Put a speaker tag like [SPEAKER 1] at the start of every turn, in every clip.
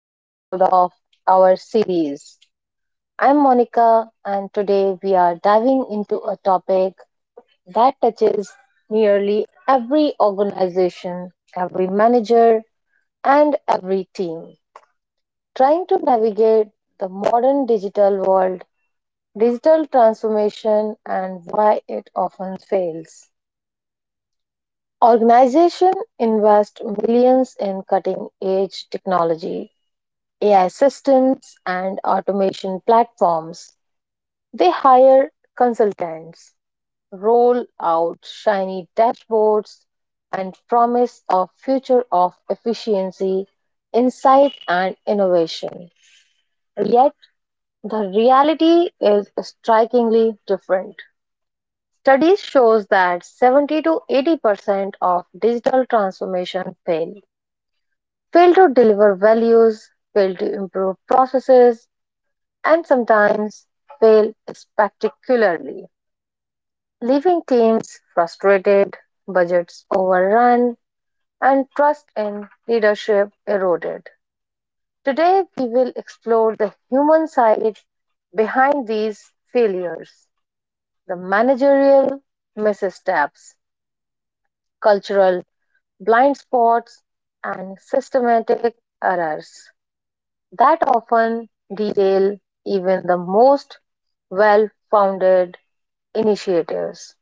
[SPEAKER 1] episode of our series. I'm Monica, and today we are diving into a topic that touches nearly every organization, every manager, and every team. Trying to navigate the modern digital world, digital transformation, and why it often fails. Organizations invest millions in cutting edge technology AI systems and automation platforms. They hire consultants, roll out shiny dashboards, and promise a future of efficiency, insight, and innovation. Yet, the reality is strikingly different. Studies shows that 70 to 80% of digital transformation fail. Fail to deliver values, fail to improve processes, and sometimes fail spectacularly, leaving teams frustrated, budgets overrun, and trust in leadership eroded. Today, we will explore the human side behind these failures, the managerial missteps, cultural blind spots, and systematic errors that often derail even the most well founded initiatives.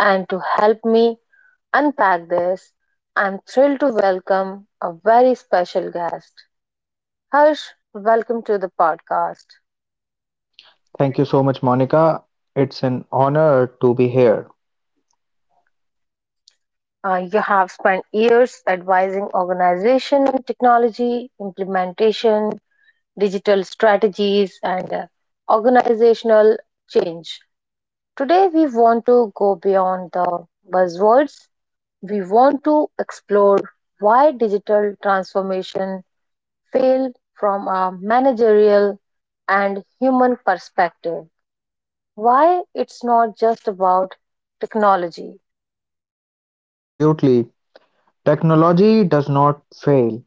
[SPEAKER 1] And to help me unpack this, I'm thrilled to welcome a very special guest. Harsh, welcome to the podcast.
[SPEAKER 2] Thank you so much, Monica. It's an honor to be here.
[SPEAKER 1] You have spent years advising organization on technology implementation, digital strategies, and organizational change. Today, we want to go beyond the buzzwords. We want to explore why digital transformation failed from a managerial and human perspective. Why it's not just about technology.
[SPEAKER 2] Absolutely. Technology does not fail.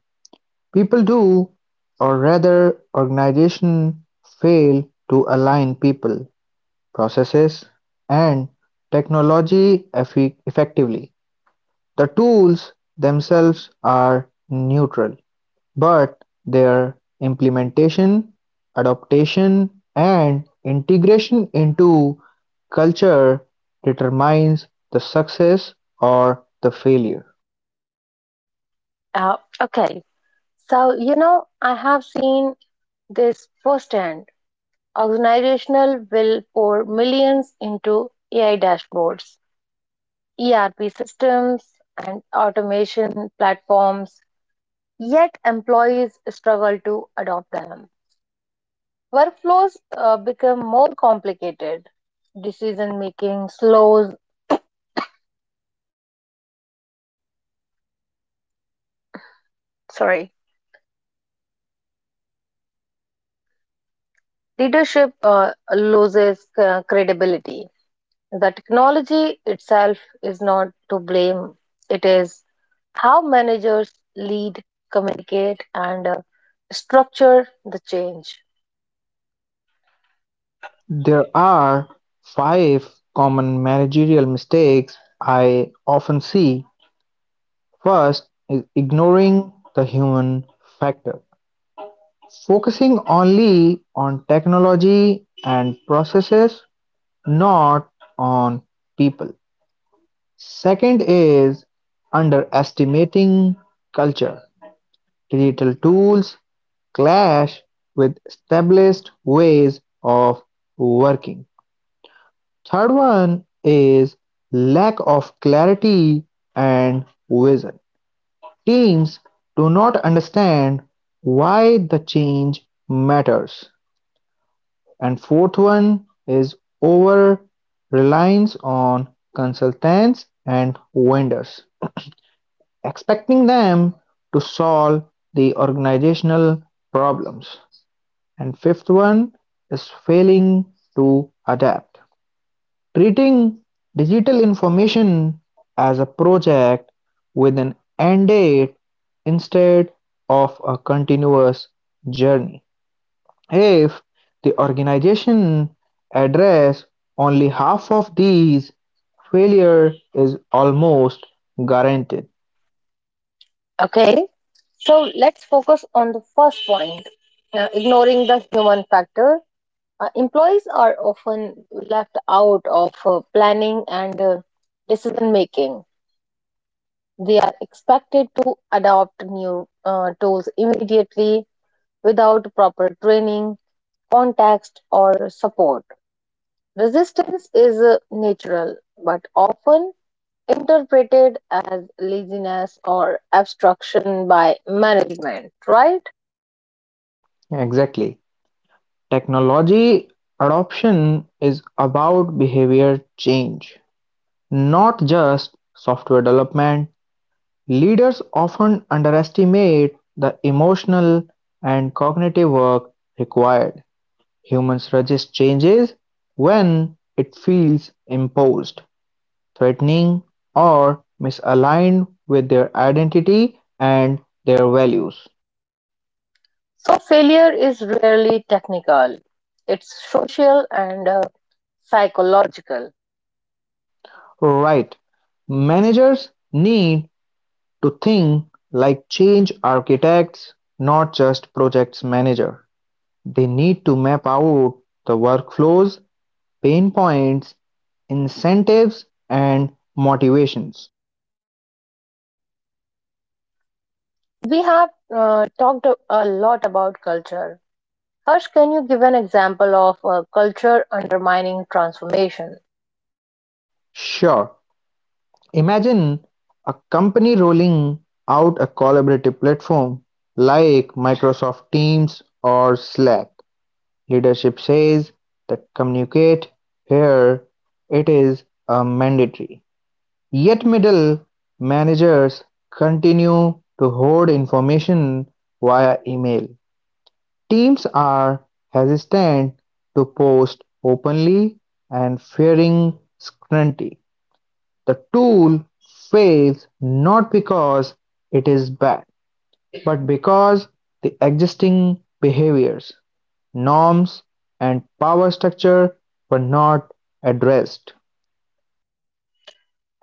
[SPEAKER 2] People do, or rather, organizations fail to align people, processes, and technology effectively. The tools themselves are neutral. But their implementation, adaptation, and integration into culture determines the success or the failure.
[SPEAKER 1] Uh, okay, so you know, I have seen this firsthand. Organizational will pour millions into AI dashboards, ERP systems, and automation platforms, yet employees struggle to adopt them. Workflows become more complicated. Decision making slows, sorry, leadership loses credibility. The technology itself is not to blame, it is how managers lead, communicate, and structure the change.
[SPEAKER 2] There are five common managerial mistakes I often see. First is ignoring the human factor. Focusing only on technology and processes, not on people. Second is underestimating culture; digital tools clash with established ways of working. Third one is lack of clarity and vision. Teams do not understand why the change matters. And fourth one is over reliance on consultants and vendors. Expecting them to solve the organizational problems, and fifth one is failing to adapt. Treating digital information as a project with an end date instead of a continuous journey. If the organization address only half of these, failure is almost guaranteed.
[SPEAKER 1] Okay, so let's focus on the first point, ignoring the human factor. Employees are often left out of planning and decision making. They are expected to adopt new tools immediately without proper training, context, or support. Resistance is natural but often interpreted as laziness or obstruction by management, right?
[SPEAKER 2] Exactly. Technology adoption is about behavior change, not just software development. Leaders often underestimate the emotional and cognitive work required. Humans resist changes when it feels imposed, threatening, or misaligned with their identity and their values.
[SPEAKER 1] So, failure is rarely technical, it's social and psychological.
[SPEAKER 2] Right. Managers need to think like change architects, not just projects manager. They need to map out the workflows, pain points, incentives, and motivations.
[SPEAKER 1] We have talked a lot about culture. Harsh, can you give an example of culture undermining transformation?
[SPEAKER 2] Sure, imagine a company rolling out a collaborative platform like Microsoft Teams or Slack. Leadership says that communicate here, it is a mandatory. Yet middle managers continue to hoard information via email; teams are hesitant to post openly and fearing scrutiny. The tool fails not because it is bad, but because the existing behaviors, norms, and power structure were not addressed.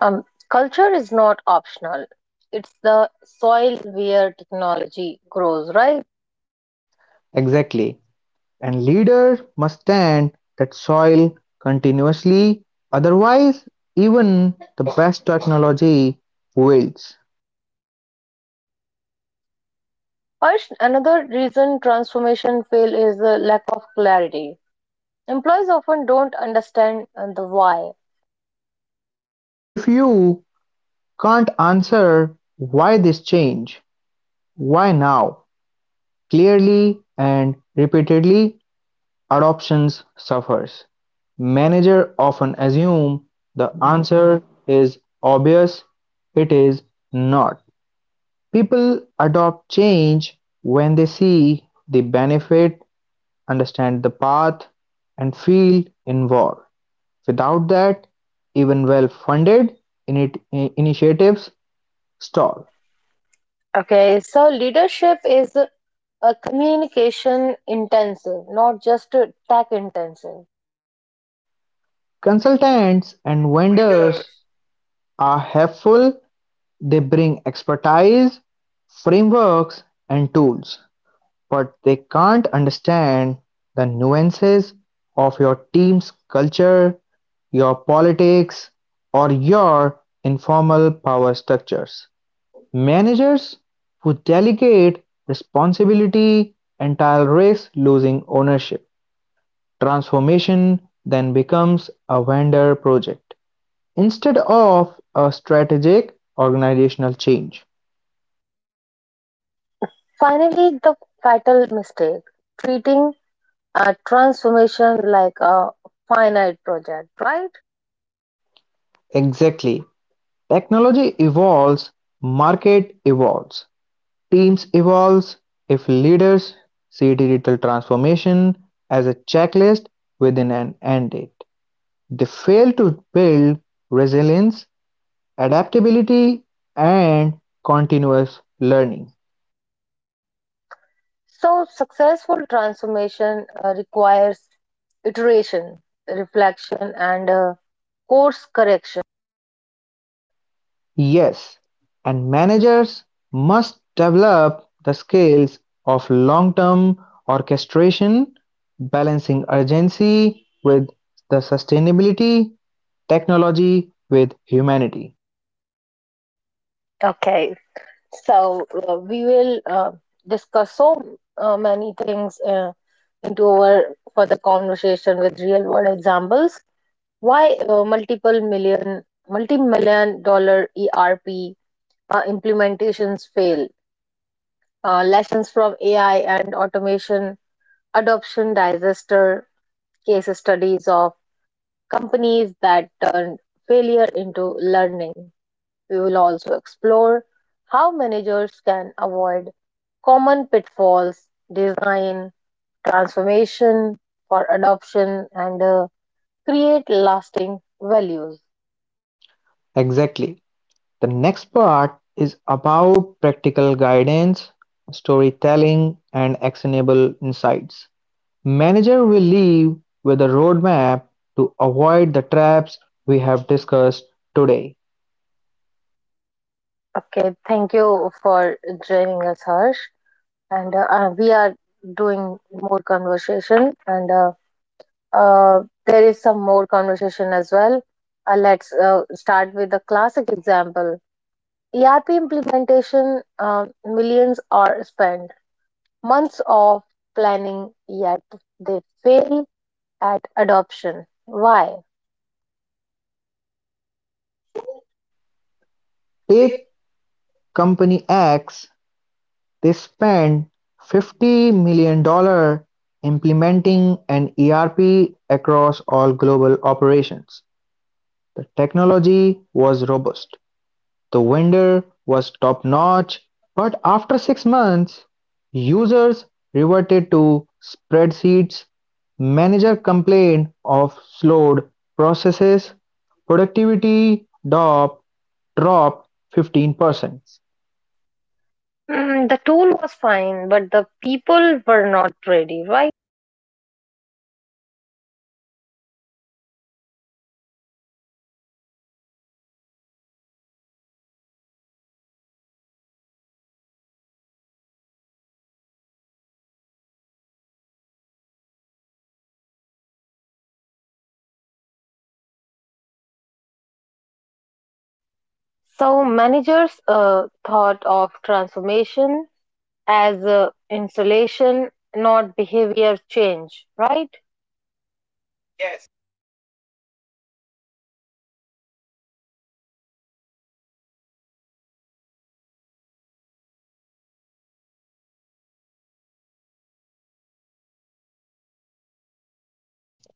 [SPEAKER 1] Um, Culture is not optional, it's the soil where technology grows, right?
[SPEAKER 2] Exactly. And leaders must tend that soil continuously, otherwise even the best technology fails.
[SPEAKER 1] Harsh, another reason transformation fail is the lack of clarity. Employees often don't understand the why.
[SPEAKER 2] If you can't answer why this change, why now, clearly and repeatedly, adoptions suffers. Manager often assume the answer is obvious. It is not. People adopt change when they see the benefit, understand the path and feel in war; without that, even well-funded initiatives stall.
[SPEAKER 1] Okay, so leadership is a communication intensive, not just tech intensive.
[SPEAKER 2] Consultants and vendors are helpful. They bring expertise, frameworks, and tools, but they can't understand the nuances of your team's culture, your politics, or your informal power structures. Managers who delegate responsibility entire risk losing ownership; transformation then becomes a vendor project, instead of a strategic organizational change.
[SPEAKER 1] Finally, the fatal mistake treating a transformation like a finite project, right?
[SPEAKER 2] Exactly. Technology evolves, market evolves, teams evolves. If leaders see digital transformation as a checklist within an end date, they fail to build resilience, adaptability, and continuous learning.
[SPEAKER 1] So, successful transformation requires iteration, reflection, and course correction.
[SPEAKER 2] Yes, and managers must develop the skills of long-term orchestration, balancing urgency with the sustainability, technology with humanity.
[SPEAKER 1] Okay, so we will discuss so many things into our further conversation with real world examples. Why multiple million, multi million dollar ERP implementations fail, lessons from AI and automation, adoption disaster, case studies of companies that turned failure into learning. We will also explore how managers can avoid common pitfalls, design, transformation for adoption, and create lasting values.
[SPEAKER 2] Exactly. The next part is about practical guidance, storytelling, and actionable insights. Manager will leave with a roadmap to avoid the traps we have discussed today.
[SPEAKER 1] Okay, thank you for joining us, Harsh. And we are doing more conversation and there is some more conversation as well. Let's start with a classic example, erp implementation. Millions are spent, months of planning, yet they fail at adoption. Why?
[SPEAKER 2] Take company X. They spend $50 million dollars implementing an ERP across all global operations. The technology was robust. The vendor was top-notch, but after 6 months, users reverted to spreadsheets, managers complained of slowed processes, productivity drop dropped 15%.
[SPEAKER 1] Mm, the tool was fine, but the people were not ready, right?
[SPEAKER 2] Exactly. The failure points are lack of early engagement with employees, minimal training and support. No alignment with business culture, and unrealistic timelines that did not allow the adaptation.
[SPEAKER 1] So managers thought of transformation as insulation, not behavior change, right? Yes.
[SPEAKER 2] Yes, digital adaptation is behavioral. You cannot deploy a system. You must embed it in routines, beliefs, and workflows.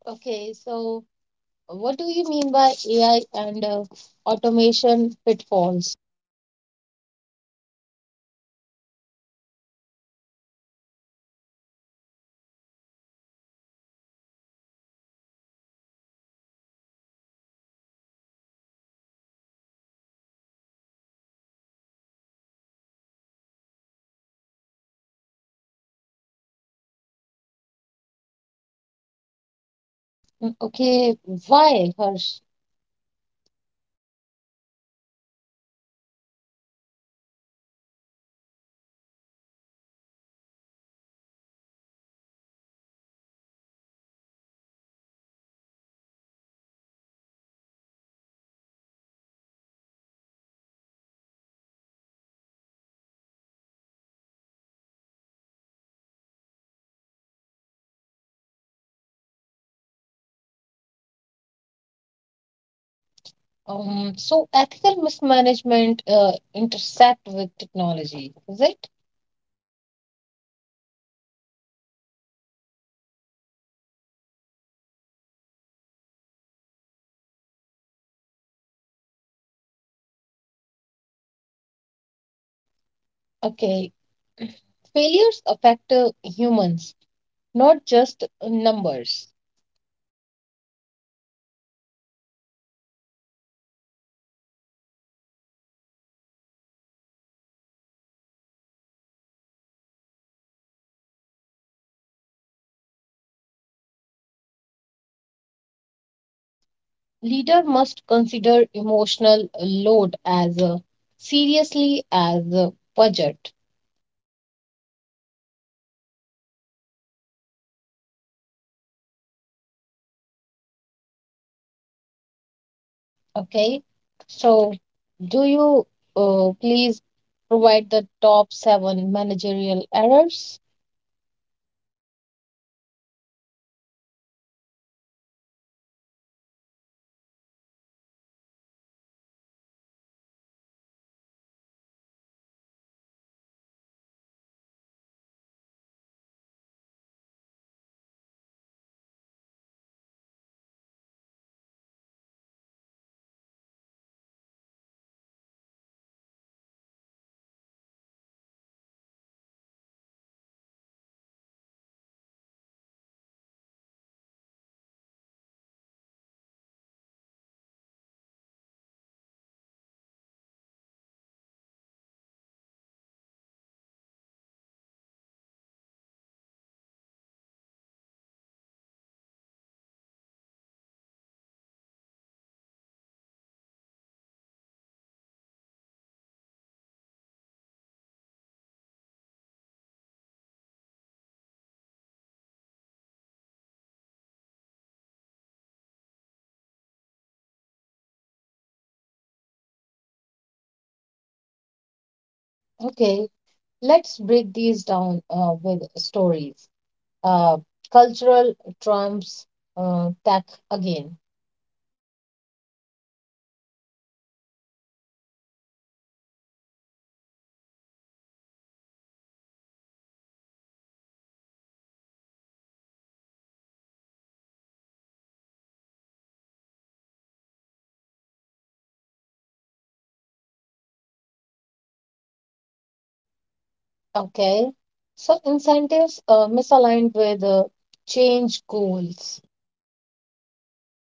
[SPEAKER 1] Okay, so what do you mean by AI and automation pitfalls?
[SPEAKER 2] Let's look at AI. Company Y implemented an AI-driven customer support system that expected 30% reduction in call center cost. Reality is the customer satisfaction dropped. Employees abandoned the system.
[SPEAKER 1] Mm. Okay, why, Harsh?
[SPEAKER 2] There are three reasons. The first one is algorithmic bias. AI misrouted complex queries. Second one is lack of human oversight: managers assume that AI could handle everything. And third one is fear and disengagement: employees felt replaced, ignored, and demotivated.
[SPEAKER 1] So ethical mismanagement intersect with technology, is it?
[SPEAKER 2] Absolutely. AI does not create culture, managers do. Ignoring ethics and communication is a recipe for failure.
[SPEAKER 1] Okay, failures affect humans, not just numbers.
[SPEAKER 2] Employees experience, like anxiety and uncertainty, loss of identity if their role changes, frustration and mistrust towards leadership.
[SPEAKER 1] Leader must consider emotional load as seriously as budget.
[SPEAKER 2] Yes, because transformation is a human journey first, then technical sound.
[SPEAKER 1] Okay, so do you please provide the top 7 managerial errors?
[SPEAKER 2] From hundreds of projects, I have identified seven recurring mistakes. First one is ignoring culture. Assuming tech overrides the norms; second one, overloading employees, expecting adaptation alongside daily work; third one is poor vision articulation, failing to answer why and how; fourth one is siloed ownership, letting IT or vendors own the change. Fifth one, neglecting feedback loops, ignoring frontline concerns. Sixth is rigid timelines, treating transformation as linear. And seventh and last is underestimating ethical dilemmas, ignoring bias, fairness, and privacy.
[SPEAKER 1] Okay, let's break these down with stories. Uh, Cultural trumps tech again.
[SPEAKER 2] So a large bank implemented mobile apps to reduce branch traffic. Customers loved it, but branch manager registered that they were incentivized on branch performance. Adoption are lagged.
[SPEAKER 1] Okay, so incentives misaligned with change goals.
[SPEAKER 2] Exactly.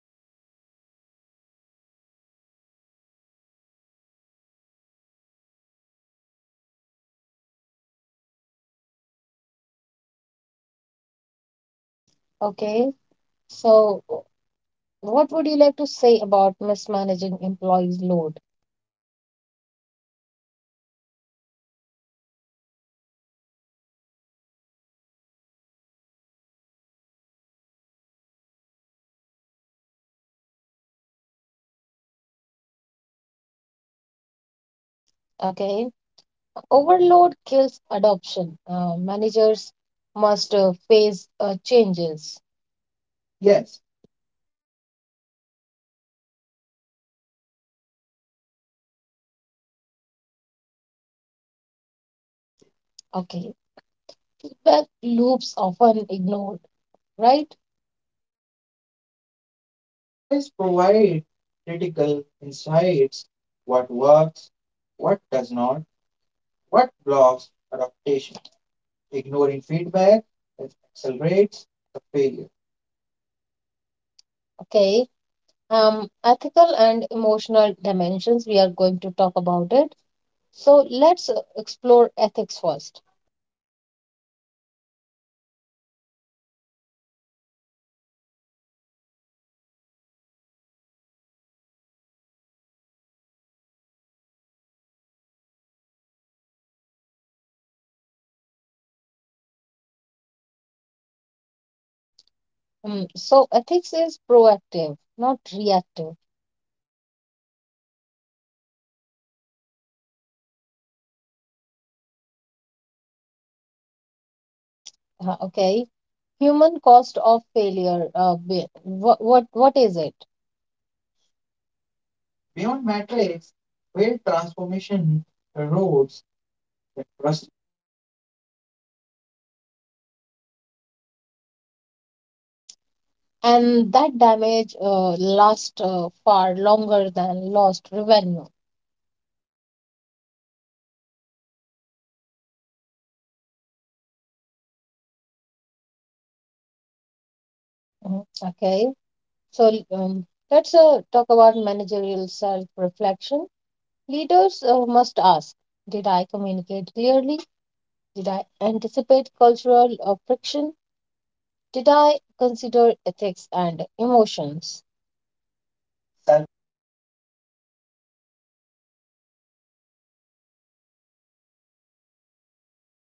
[SPEAKER 2] No manager can succeed against cultural friction; manager must reshape their culture and their tech together.
[SPEAKER 1] Okay, so what would you like to say about mismanaging employees' load?
[SPEAKER 2] So employees were given new CRM software, online trainings, and process changes simultaneously, and the productivity plummeted.
[SPEAKER 1] Okay. Overload kills adoption. Managers must face changes. Yes.
[SPEAKER 2] Yes, iterative, supported or psychological-aware rollout is critical.
[SPEAKER 1] Okay. Feedback loops often ignored, right?
[SPEAKER 2] Exactly, employees
[SPEAKER 1] Employees provide
[SPEAKER 2] provide
[SPEAKER 1] critical
[SPEAKER 2] critical
[SPEAKER 1] insights,
[SPEAKER 2] insights: what
[SPEAKER 1] what works,
[SPEAKER 2] works,
[SPEAKER 1] what
[SPEAKER 2] what does
[SPEAKER 1] does not,
[SPEAKER 2] not,
[SPEAKER 1] what
[SPEAKER 2] what
[SPEAKER 1] blocks
[SPEAKER 2] blocks
[SPEAKER 1] adaptation.
[SPEAKER 2] adaptation. Ignoring
[SPEAKER 1] Ignoring feedback
[SPEAKER 2] feedback is accelerates
[SPEAKER 1] accelerates the
[SPEAKER 2] the
[SPEAKER 1] failure.
[SPEAKER 2] failure.
[SPEAKER 1] Okay. Ethical and emotional dimensions, we are going to talk about it. So let's explore ethics first.
[SPEAKER 2] AI and automation can inadvertently discriminate. Privacy breaches can also occur. Managers must anticipate harm, not just efficiency.
[SPEAKER 1] Mm, so ethics is proactive, not reactive.
[SPEAKER 2] Yes, ethical foresight is as important as technical skills.
[SPEAKER 1] Okay, human cost of failure. What is it? Beyond
[SPEAKER 2] Beyond
[SPEAKER 1] metrics,
[SPEAKER 2] metrics,
[SPEAKER 1] where
[SPEAKER 2] failed
[SPEAKER 1] transformation
[SPEAKER 2] transformation erodes
[SPEAKER 1] roads
[SPEAKER 2] the trust
[SPEAKER 1] rust.
[SPEAKER 2] in leadership, morale, psychological safety.
[SPEAKER 1] And that damage lasts far longer than lost revenue.
[SPEAKER 2] Exactly. Human cost is often invisible until it is too late.
[SPEAKER 1] Mhm. Okay, so let's talk about managerial self-reflection. Leaders must ask: Did I communicate clearly? Did I anticipate cultural friction? Did I consider ethics and emotions? Self-.
[SPEAKER 2] Self-reflection is a failure prevention tool; without it, managers repeat mistakes.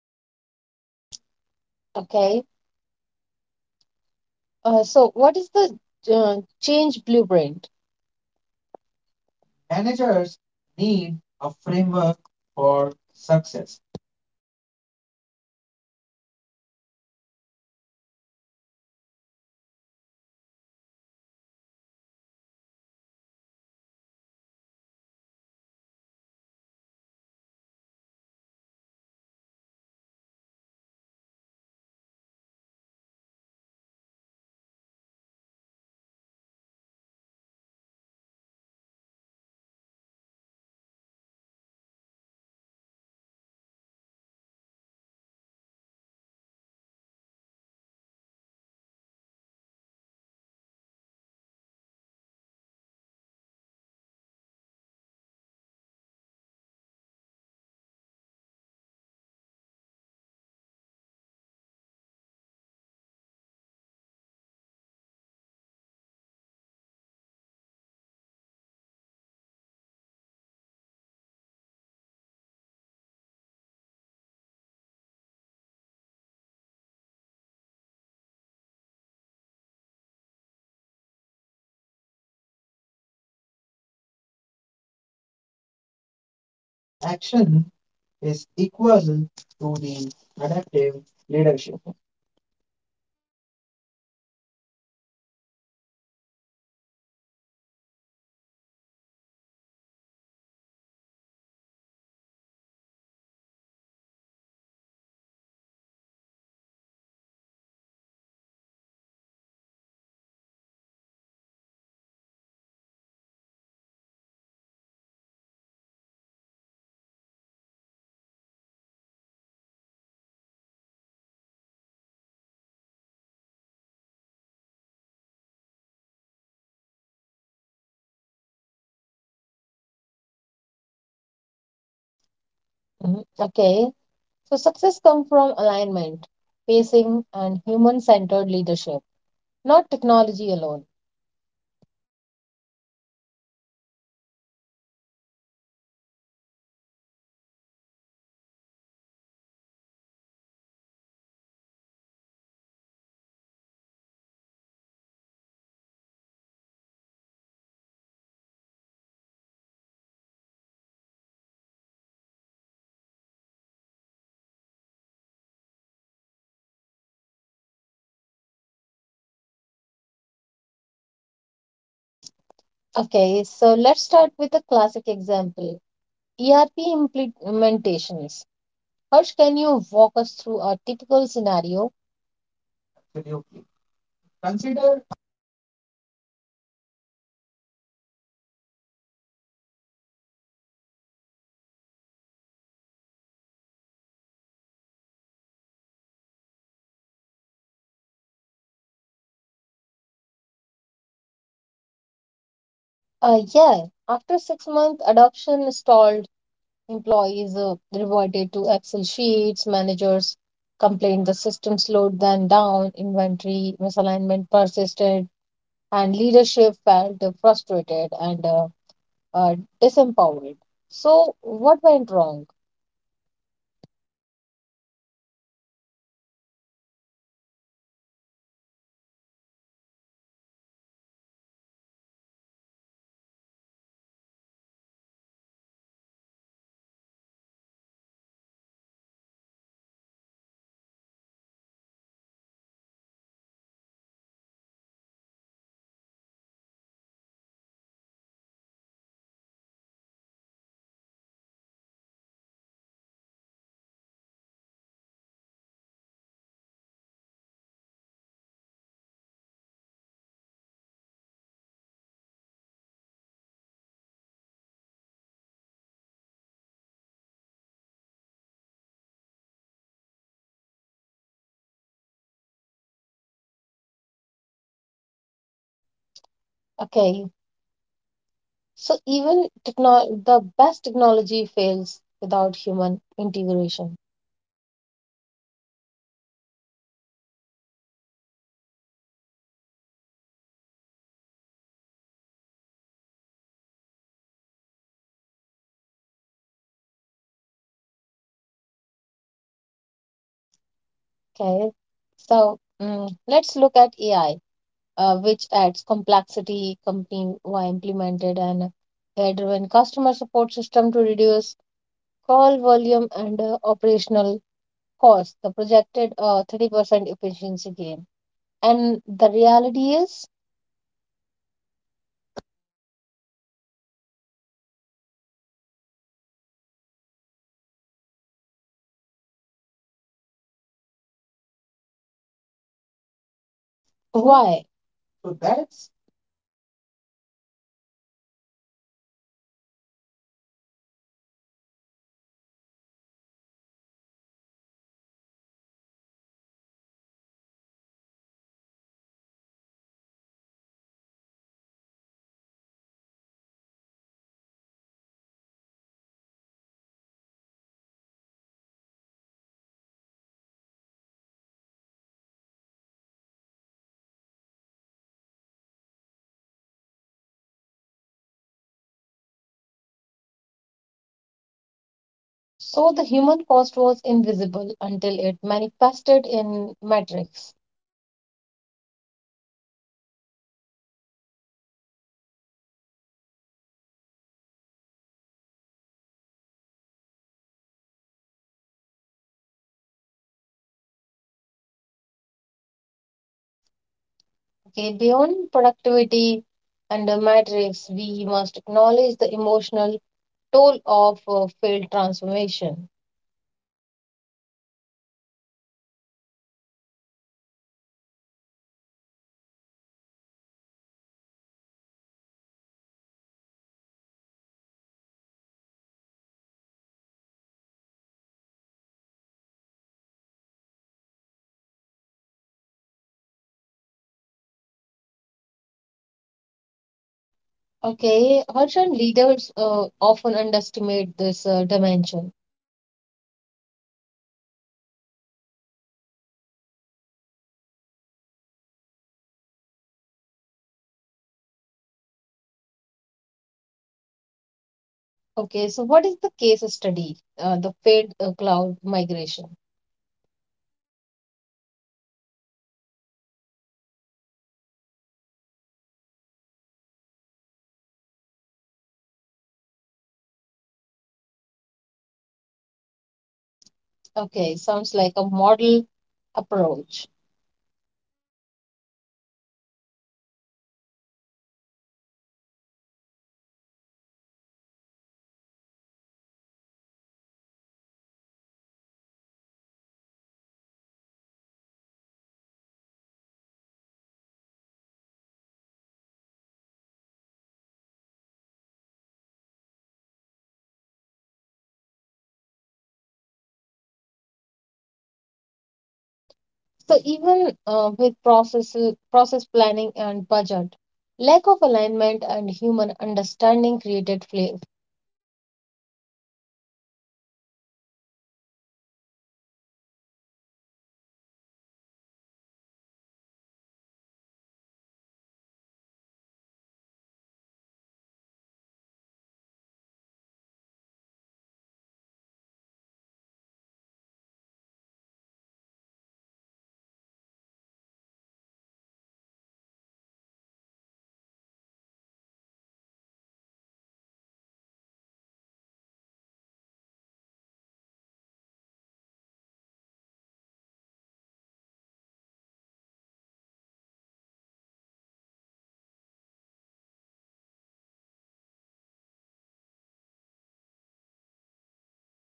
[SPEAKER 1] Okay, so what is the change blueprint? Managers
[SPEAKER 2] Managers
[SPEAKER 1] need
[SPEAKER 2] need a
[SPEAKER 1] a framework
[SPEAKER 2] framework
[SPEAKER 1] for
[SPEAKER 2] for
[SPEAKER 1] success.
[SPEAKER 2] success, vision and purpose. Answer why this matters clearly. Stakeholder mapping. Identify those affected, their influence and incentives. Phase implementation. Pilot that tends to evaluate, and evaluate tends to scale. Feedback integration, continuously learn and adapt. Culture alignment, incentives, norms, and leadership model behaviors. Ethical guardrails like bias, privacy, fairness, and transparency. Reflection plus
[SPEAKER 1] Just action
[SPEAKER 2] action is
[SPEAKER 1] is equal
[SPEAKER 2] equal
[SPEAKER 1] to
[SPEAKER 2] to
[SPEAKER 1] the
[SPEAKER 2] the adaptive
[SPEAKER 1] adaptive leadership.
[SPEAKER 2] leadership. For example, Company Z rolled out a cloud ERP in phases, piloted with one business unit, collected feedback, and adapted workflows. Phased global rollout, clear communication, clear workshops, and leadership visibility. Result is 95 adoption in 12 months, no significant workflow disruption.
[SPEAKER 1] Mhm. Okay, so success comes from alignment, pacing, and human centered leadership, not technology alone.
[SPEAKER 2] So, too often, failure is chalked up to resistance or technical glitches. But when you analyze projects carefully, you see a pattern of managerial missteps, cultural friction, and lack of human centered planning.
[SPEAKER 1] Okay, so let's start with a classic example, ERP implementations. Harsh, can you walk us through a typical scenario? Absolutely.
[SPEAKER 2] Absolutely. Consider
[SPEAKER 1] Consider
[SPEAKER 2] a company X, a multinational manufacturer. They invested $50 million into a cloud ERP system that intended to unify globally operations. Sound ideal? Right.
[SPEAKER 1] yeah, after 6 month adoption stalled, employees reverted to Excel sheets, managers complained the system slowed them down, inventory misalignment persisted, and leadership felt frustrated and uh, disempowered. So, what went wrong?
[SPEAKER 2] There are several factors converge. First is lack of early employee engagement, in which the frontline operators were not consulted about the workflow changes. Second is insufficient training. The new system required expertise beyond what most employees had. Third is cultural mismatch: departments had long-standing informal process, the ERP impose rigid workflows and creating friction. Fourth is the unrealistic timelines. Manager assumes that employee could adopt immediately. Adaptations take months.
[SPEAKER 1] Okay, so even the best technology fails without human integration.
[SPEAKER 2] Exactly. Digital transformation is not just an installation, it is behavior change and cultural evolution. Manager must treat it as people first journey.
[SPEAKER 1] Okay, so mm, let's look at AI, which adds complexity. Company were implemented and AI-driven customer support system to reduce call volume and operational cost. The projected 30% efficiency gain. And the reality is
[SPEAKER 2] The opposite, like customer satisfaction drop and the employees abandoned the system, revenue was impacted. So,
[SPEAKER 1] why?
[SPEAKER 2] so
[SPEAKER 1] So
[SPEAKER 2] that's
[SPEAKER 1] that's
[SPEAKER 2] a three major reason. First is algorithmic bias. The AI misrouted complex customer queries, causing the delays and lack of human oversight. Managers assumed AI could fully replace humans, ignoring constant judgment. Third is like emotional disengagement. Employees felt devalued, threatened, and disconnected from their work.
[SPEAKER 1] so the human cost was invisible until it manifested in metrics.
[SPEAKER 2] Yes, technology cannot create culture or empathy. Manager must integrate AI with the human oversight, feedback, and the ethical guidance.
[SPEAKER 1] Okay, beyond productivity and the metrics, we must acknowledge the emotional toll of failed transformation.
[SPEAKER 2] Absolutely. Employees experience like anxiety and uncertainty about their roles, loss of identity when workflows change or positions are automated, distrust towards the leadership if promises are not met, and burnout when expectations exceed support.
[SPEAKER 1] Okay, Harshan, leaders often underestimate this dimension.
[SPEAKER 2] Exactly. You can have the most advanced tech, but if employees resist, disengage, or feel unsafe, then adoption fails.
[SPEAKER 1] Okay, so what is the case study? The failed cloud migration.
[SPEAKER 2] Consider a financial service firm migrating to the cloud. They had executive buy-in, or technical consultants, and a phased plan
[SPEAKER 1] Okay, sounds like a model approach.
[SPEAKER 2] on paper; in practice, middle managers were not trained on the cloud tools. Teams relied on old legacy processes for months. And the leadership assumed adaptation metrics indicated success, but these were at surface level. Security protocols were misunderstood and creating operational risk.
[SPEAKER 1] So even with process planning and budget, lack of alignment and human understanding created fla.
[SPEAKER 2] Yes, because transformation success is 50% technology, 50% people, and often the people side is neglected. Yes, one thing leadership is less about avoiding failure and more about shaping outcome responsibly. Yeah, that's it.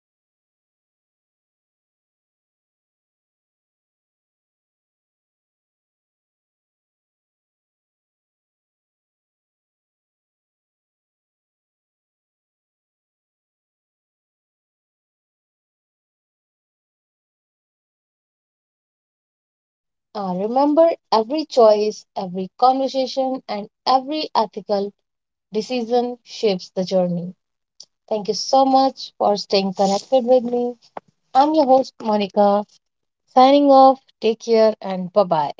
[SPEAKER 2] Thank you so much, Monica.
[SPEAKER 1] Remember, every choice, every conversation, and every ethical decision shapes the journey. Thank you so much for staying connected with me. I'm your host, Monica, signing off. Take care and bye bye.